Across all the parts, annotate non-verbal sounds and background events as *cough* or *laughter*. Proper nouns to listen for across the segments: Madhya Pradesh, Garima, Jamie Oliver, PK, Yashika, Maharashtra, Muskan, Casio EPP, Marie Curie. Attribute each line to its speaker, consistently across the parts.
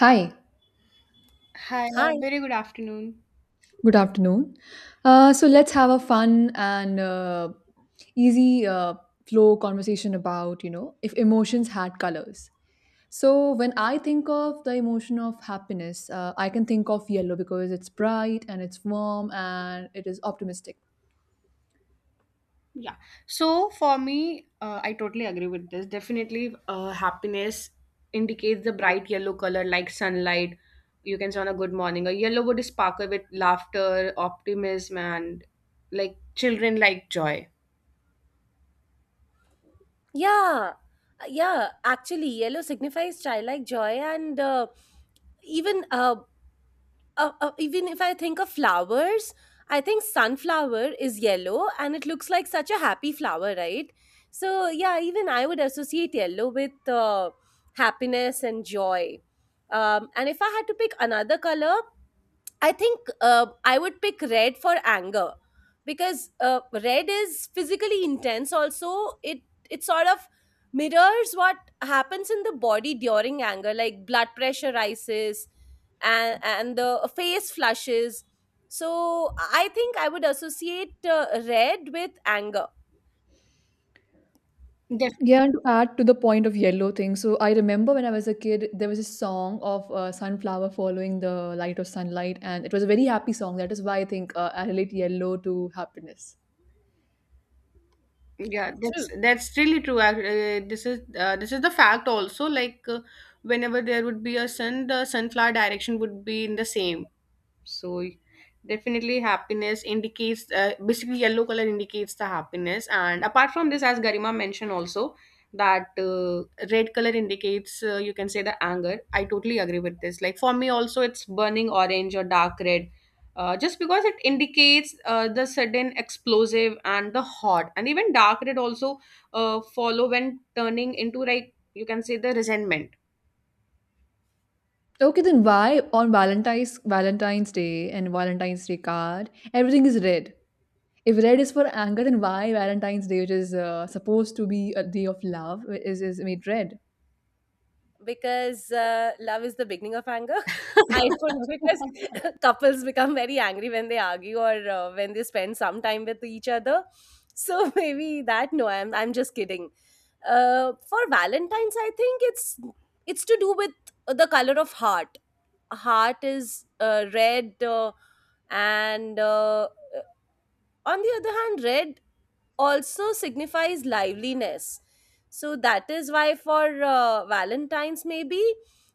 Speaker 1: Hi,
Speaker 2: Hi,
Speaker 3: Hi.
Speaker 2: very good afternoon.
Speaker 1: good afternoon. So let's have a fun and easy flow conversation about, you know, if emotions had colors. So when I think of the emotion of happiness, I can think of yellow because it's bright and it's warm and it is optimistic.
Speaker 2: Yeah. So for me, I totally agree with this. Definitely, happiness indicates the bright yellow color like sunlight. You can say on a good morning. A yellow would sparkle with laughter, optimism, and like children like joy.
Speaker 3: Yeah. Yeah. Actually, yellow signifies childlike joy, and even uh, even if I think of flowers, I think sunflower is yellow, and it looks like such a happy flower, right? So yeah, even I would associate yellow with happiness and joy. And if I had to pick another color, I think I would pick red for anger because red is physically intense. Also, it sort of mirrors what happens in the body during anger, like blood pressure rises and the face flushes. So I think I would associate red with anger.
Speaker 2: Def
Speaker 1: Yeah, and to add to the point of yellow thing, so I remember when I was a kid, there was a song of sunflower following the light of sunlight, and it was a very happy song. That is why I think I relate yellow to happiness.
Speaker 2: yeah, that's
Speaker 3: True.
Speaker 2: that's really true. This is this is the fact also. Whenever there would be a sun, the sunflower direction would be in the same. So definitely happiness indicates basically yellow color indicates the happiness, and apart from this, as Garima mentioned also, that red color indicates, you can say, the anger. I totally agree with this. Like, for me also, it's burning orange or dark red. Just because it indicates the sudden explosive and the hot, and even dark red also follow when turning into, like you can say, the resentment.
Speaker 1: Okay, then why on Valentine's Day and Valentine's Day card everything is red? If red is for anger, then why Valentine's Day, which is supposed to be a day of love, is made red?
Speaker 3: Because love is the beginning of anger. *laughs* I don't know
Speaker 1: *laughs*
Speaker 3: because *laughs* couples become very angry when they argue or when they spend some time with each other. So *laughs* maybe that. No, I'm just kidding. For Valentine's, I think it's to do with the color of heart. Heart is red, and on the other hand, red also signifies liveliness. So that is why for Valentine's, maybe.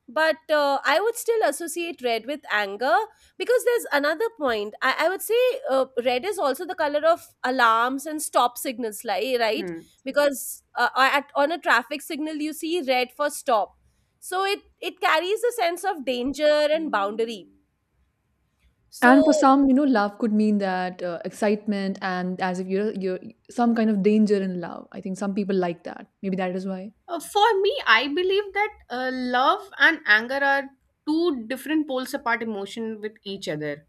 Speaker 3: But I would still associate red with anger because there's another point. I would say red is also the color of alarms and stop signals, like, right?
Speaker 2: Hmm.
Speaker 3: Because on a traffic signal, you see red for stop. So it carries a sense of danger and boundary.
Speaker 1: And for
Speaker 3: So,
Speaker 1: some, you know, love could mean that excitement and as if you're some kind of danger in love. I think some people like that. Maybe that is why.
Speaker 2: For me, I believe that love and anger are two different poles apart emotion with each other.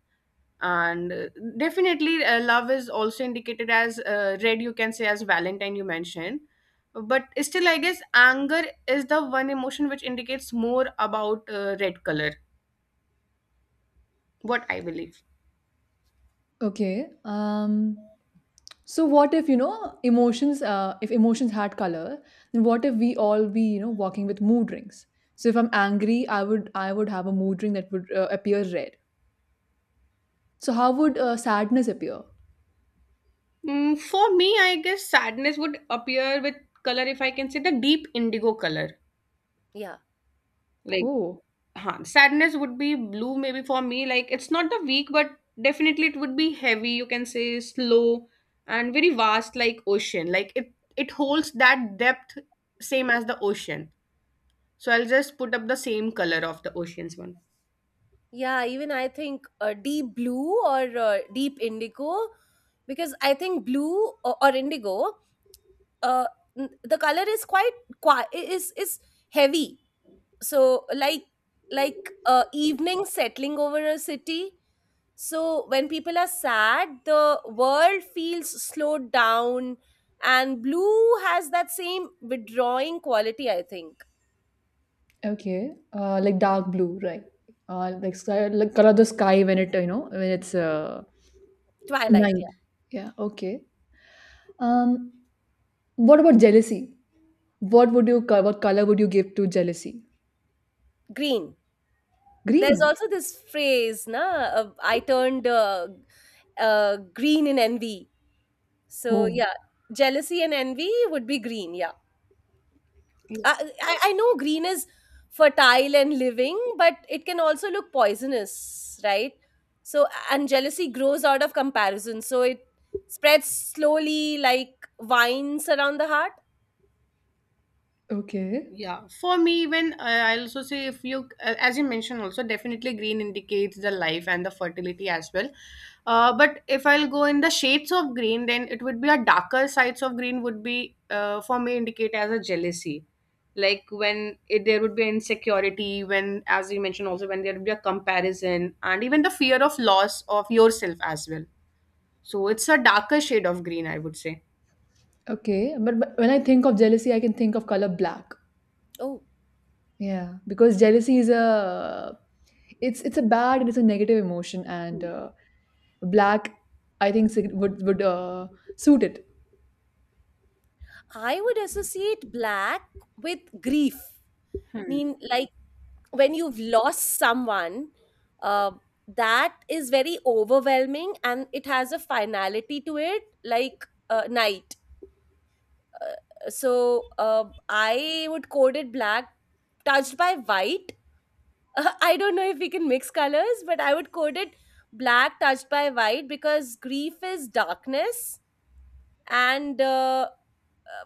Speaker 2: And Definitely, love is also indicated as red, you can say, as Valentine, you mentioned. But still, I guess anger is the one emotion which indicates more about red color, what I believe.
Speaker 1: Okay. So what if, you know, if emotions had color, then what if we all be, you know, walking with mood rings? So if I'm angry, I would have a mood ring that would appear red. So how would sadness appear?
Speaker 2: Mm, for me, I guess sadness would appear with color, if I can say, the deep indigo color.
Speaker 3: yeah.
Speaker 2: Like.
Speaker 1: Oh,
Speaker 2: Huh, sadness would be blue maybe, for me. Like, it's not the weak, but definitely it would be heavy, you can say slow, and very vast like ocean. Like, it holds that depth, same as the ocean. So I'll just put up the same color of the ocean's one.
Speaker 3: Yeah, even I think deep blue or deep indigo, because I think blue or indigo, uh, the color is quite qui- I- is heavy. So like evening settling over a city. So when people are sad, the world feels slowed down, and blue has that same withdrawing quality. I think
Speaker 1: okay. Like dark blue, right? Like sky, like color the sky when it, you know, when it's
Speaker 3: twilight,
Speaker 1: night.
Speaker 3: yeah,
Speaker 1: Yeah. Okay. Um, what about jealousy? What color would you give to jealousy?
Speaker 3: green. There's
Speaker 1: Green.
Speaker 3: also this phrase, na, I turned green in envy. So
Speaker 1: Oh.
Speaker 3: yeah, jealousy and envy would be green. Yeah, I know green is fertile and living, but it can also look poisonous, right? So and jealousy grows out of comparison. So it spreads slowly like vines around the heart.
Speaker 1: Okay.
Speaker 2: Yeah, for me, even, I also say, if you, as you mentioned, also definitely green indicates the life and the fertility as well. But if I'll go in the shades of green, then it would be a darker sides of green would be, for me, indicate as a jealousy, like when it, there would be insecurity, when, as you mentioned also, when there would be a comparison and even the fear of loss of yourself as well. So it's a darker shade of green, I would say.
Speaker 1: Okay, but, when I think of jealousy, I can think of color black.
Speaker 3: Oh,
Speaker 1: Yeah, because jealousy is a it's a bad and it's a negative emotion, and black, I think would suit it.
Speaker 3: I would associate black with grief. Mean, like when you've lost someone uh, that is very overwhelming and it has a finality to it like night. So I would code it black touched by white. *laughs* I don't know if we can mix colors, but I would code it black touched by white because grief is darkness, and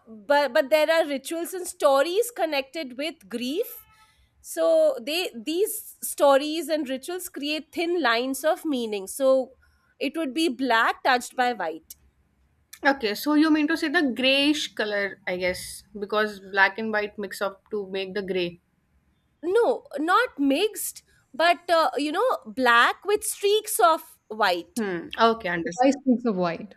Speaker 3: but there are rituals and stories connected with grief. So they these stories and rituals create thin lines of meaning, so it would be black touched by white.
Speaker 2: Okay, so you mean to say the grayish color, I guess, because black and white mix up to make the gray.
Speaker 3: No, not mixed, but you know, black with streaks of white.
Speaker 2: Hmm. Okay, understand.
Speaker 1: Why streaks of white?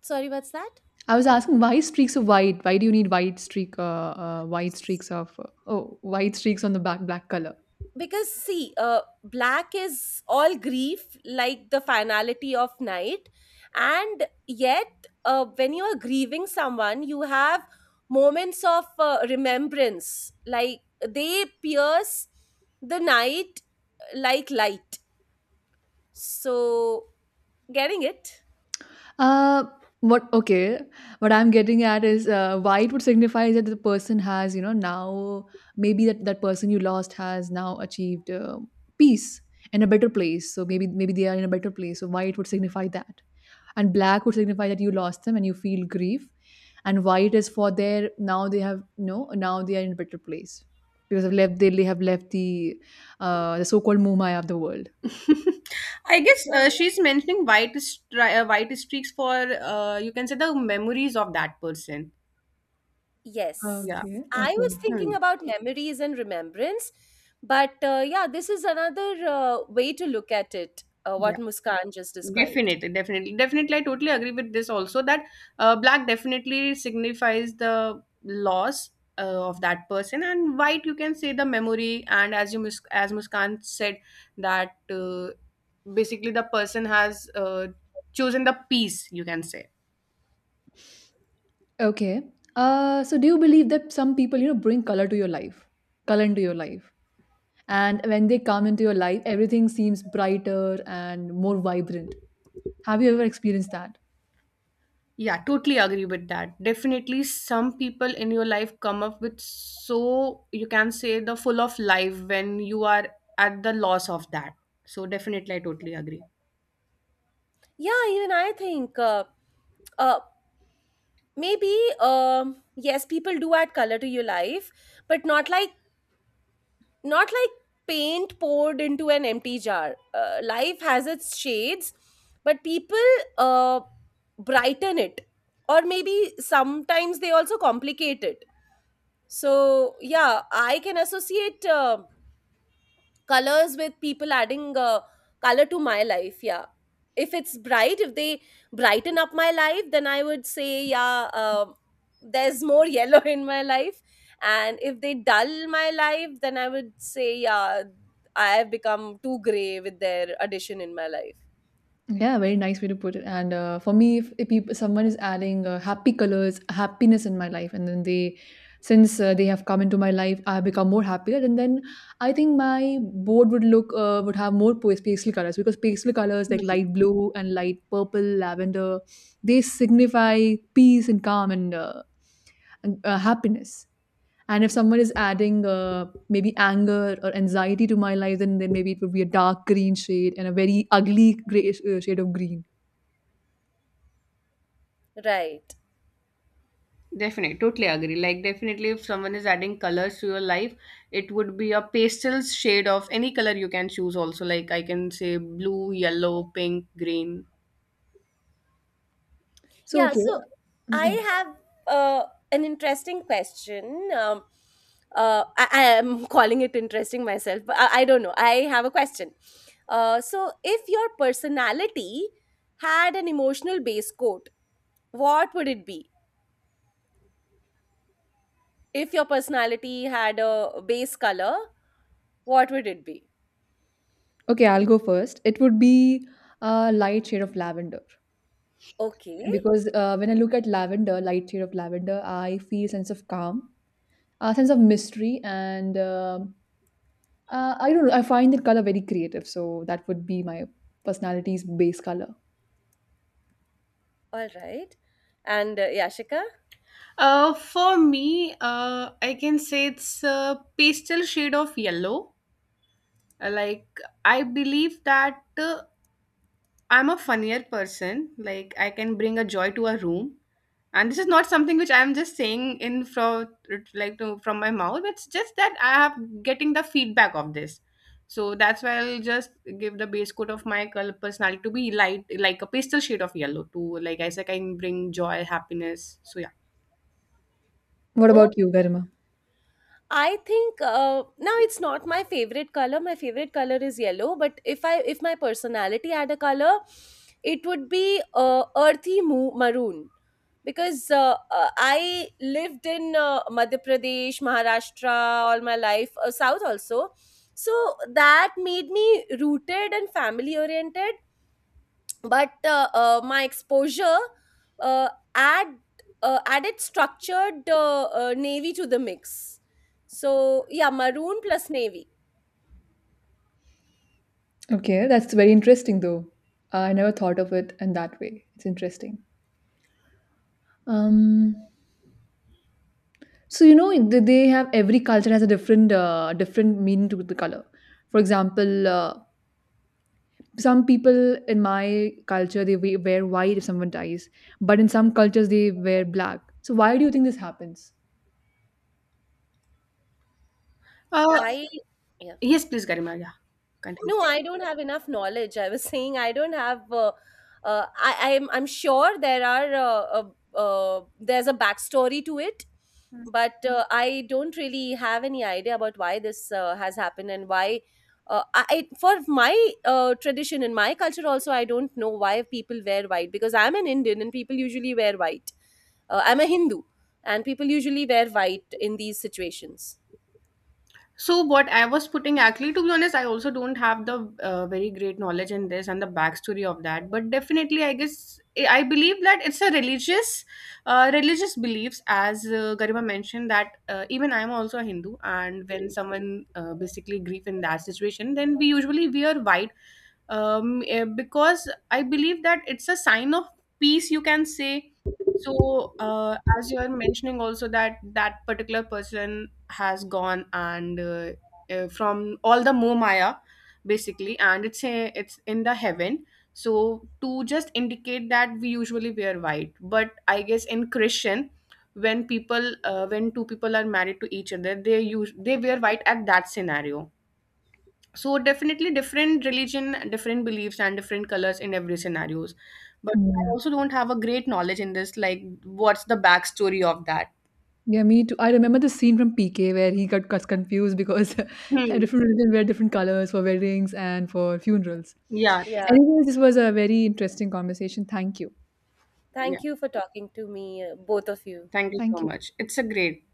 Speaker 3: Sorry, what's that?
Speaker 1: I was asking, why streaks of white? Why do you need white streak? White streaks of oh, white streaks on the back black color.
Speaker 3: Because see, black is all grief, like the finality of night, and yet when you are grieving someone you have moments of remembrance, like they pierce the night like light. So getting it?
Speaker 1: Uh, what okay, what I'm getting at is why it would signify that the person has, you know, now maybe that person you lost has now achieved peace and a better place. So maybe they are in a better place. So why it would signify that? And black would signify that you lost them and you feel grief. And white is for their now they have no now they are in a better place because they have left the so-called Mumaya of the world.
Speaker 2: *laughs* I guess
Speaker 3: Yeah.
Speaker 2: she's mentioning white streaks for, you can say, the memories of that person.
Speaker 3: Yes.
Speaker 2: Yeah.
Speaker 1: Okay,
Speaker 3: I
Speaker 1: okay.
Speaker 3: was thinking
Speaker 2: Hmm.
Speaker 3: about memories and remembrance, but yeah, this is another way to look at it, what Muskan just described.
Speaker 2: Definitely, definitely, definitely. I totally agree with this also, that black definitely signifies the loss of that person, and white, you can say, the memory. And as you Mus- as Muskan said, that basically the person has chosen the peace. You can say.
Speaker 1: Okay. So do you believe that some people, you know, bring color to your life, color into your life, and when they come into your life, everything seems brighter and more vibrant? Have you ever experienced that?
Speaker 2: Yeah, totally agree with that. Definitely, some people in your life come up with, so you can say, the full of life when you are at the loss of that. So definitely, I totally agree.
Speaker 3: Yeah, even I think uh, maybe yes, people do add color to your life, but not like paint poured into an empty jar. Life has its shades, but people uh, brighten it, or maybe sometimes they also complicate it. So yeah, I can associate. Colors with people adding color to my life. Yeah, if it's bright, if they brighten up my life, then I would say yeah. There's more yellow *laughs* in my life. And if they dull my life, then I would say yeah, I have become too gray with their addition in my life.
Speaker 1: Yeah, very nice way to put it. And for me, if peop someone is adding happy colors, happiness in my life, and since they have come into my life, I have become more happier. And then I think my board would look would have more pastel colors, because pastel colors like light blue and light purple, lavender, they signify peace and calm, and happiness. And if someone is adding maybe anger or anxiety to my life, then maybe it would be a dark green shade and a very ugly gray shade of green.
Speaker 3: Right.
Speaker 2: Definitely, totally agree. Like, definitely, if someone is adding colors to your life, it would be a pastel shade of any color you can choose, also. Like, I can say blue, yellow, pink, green.
Speaker 1: So,
Speaker 3: Yeah,
Speaker 1: okay,
Speaker 3: so
Speaker 1: mm,
Speaker 3: I
Speaker 1: yeah,
Speaker 3: have uh, an interesting question. I am *laughs* calling it interesting myself, but I don't know. I have a question. So, if your personality had an emotional base coat, what would it be? If your personality had a base color, what would it be?
Speaker 1: okay, I'll go first. It would be a light shade of lavender,
Speaker 3: Okay,
Speaker 1: because when I look at lavender, light shade of lavender, I feel sense of calm, a sense of mystery, and I don't know. I find that color very creative, so that would be my personality's base color.
Speaker 3: all right. And Yashika?
Speaker 2: For me, I can say it's a pastel shade of yellow. Like, I believe that. I'm a funnier person. Like, I can bring a joy to a room, and this is not something which I'm just saying in from my mouth. It's just that I have getting the feedback of this, so that's why I'll just give the base coat of my color personality to be light, like a pastel shade of yellow. To, like I said, I can bring joy, happiness. So yeah.
Speaker 1: What about you, Garima?
Speaker 3: I think now it's not my favorite color. My favorite color is yellow, but if my personality had a color, it would be earthy maroon because I lived in Madhya Pradesh, Maharashtra all my life, South also. So that made me rooted and family oriented, but my exposure uh, add added structured navy to the mix. So yeah, maroon plus navy.
Speaker 1: Okay, that's very interesting though. I never thought of it in that way. It's interesting. Um, So you know they have, every culture has a different different meaning to the color. For example, some people in my culture they wear white if someone dies, but in some cultures they wear black. So why do you think this happens?
Speaker 2: Uh,
Speaker 3: I yeah
Speaker 2: yes, please, Garima. Yeah,
Speaker 3: No,
Speaker 2: continue.
Speaker 3: I don't have enough knowledge. I was *laughs* saying I don't have. I'm sure there's a backstory to it, but I don't really have any idea about why this has happened and why. For my tradition in my culture also, I don't know why people wear white because I'm an Indian and people usually wear white. I'm a Hindu and people usually wear white in these situations.
Speaker 2: So what I was putting, actually, to be honest, I also don't have the very great knowledge in this and the backstory of that. But definitely, I guess I believe that it's a religious, religious beliefs. As Garima mentioned, that even I'm also a Hindu, and when someone basically grief in that situation, then we usually wear white, because I believe that it's a sign of peace, you can say. So, as you are mentioning also, that that particular person has gone and from all the Moh Maya, basically, and it's a, it's in the heaven. So to just indicate that, we usually wear white. But I guess in Christian, when people when two people are married to each other, they use they wear white at that scenario. So definitely, different religion, different beliefs, and different colors in every scenarios. But I
Speaker 1: Yeah.
Speaker 2: also don't have a great knowledge in this, like what's the backstory of that.
Speaker 1: Yeah, me too. I remember the scene from PK where he got confused because *laughs*
Speaker 2: Hmm.
Speaker 1: a different religion wear different colors for weddings and for funerals.
Speaker 2: Yeah.
Speaker 3: Yeah,
Speaker 1: Anyways, this was a very interesting conversation. Thank you.
Speaker 2: Yeah,
Speaker 3: thank you for talking to me, both of you.
Speaker 2: thank you so
Speaker 1: Thank you.
Speaker 2: much. It's a great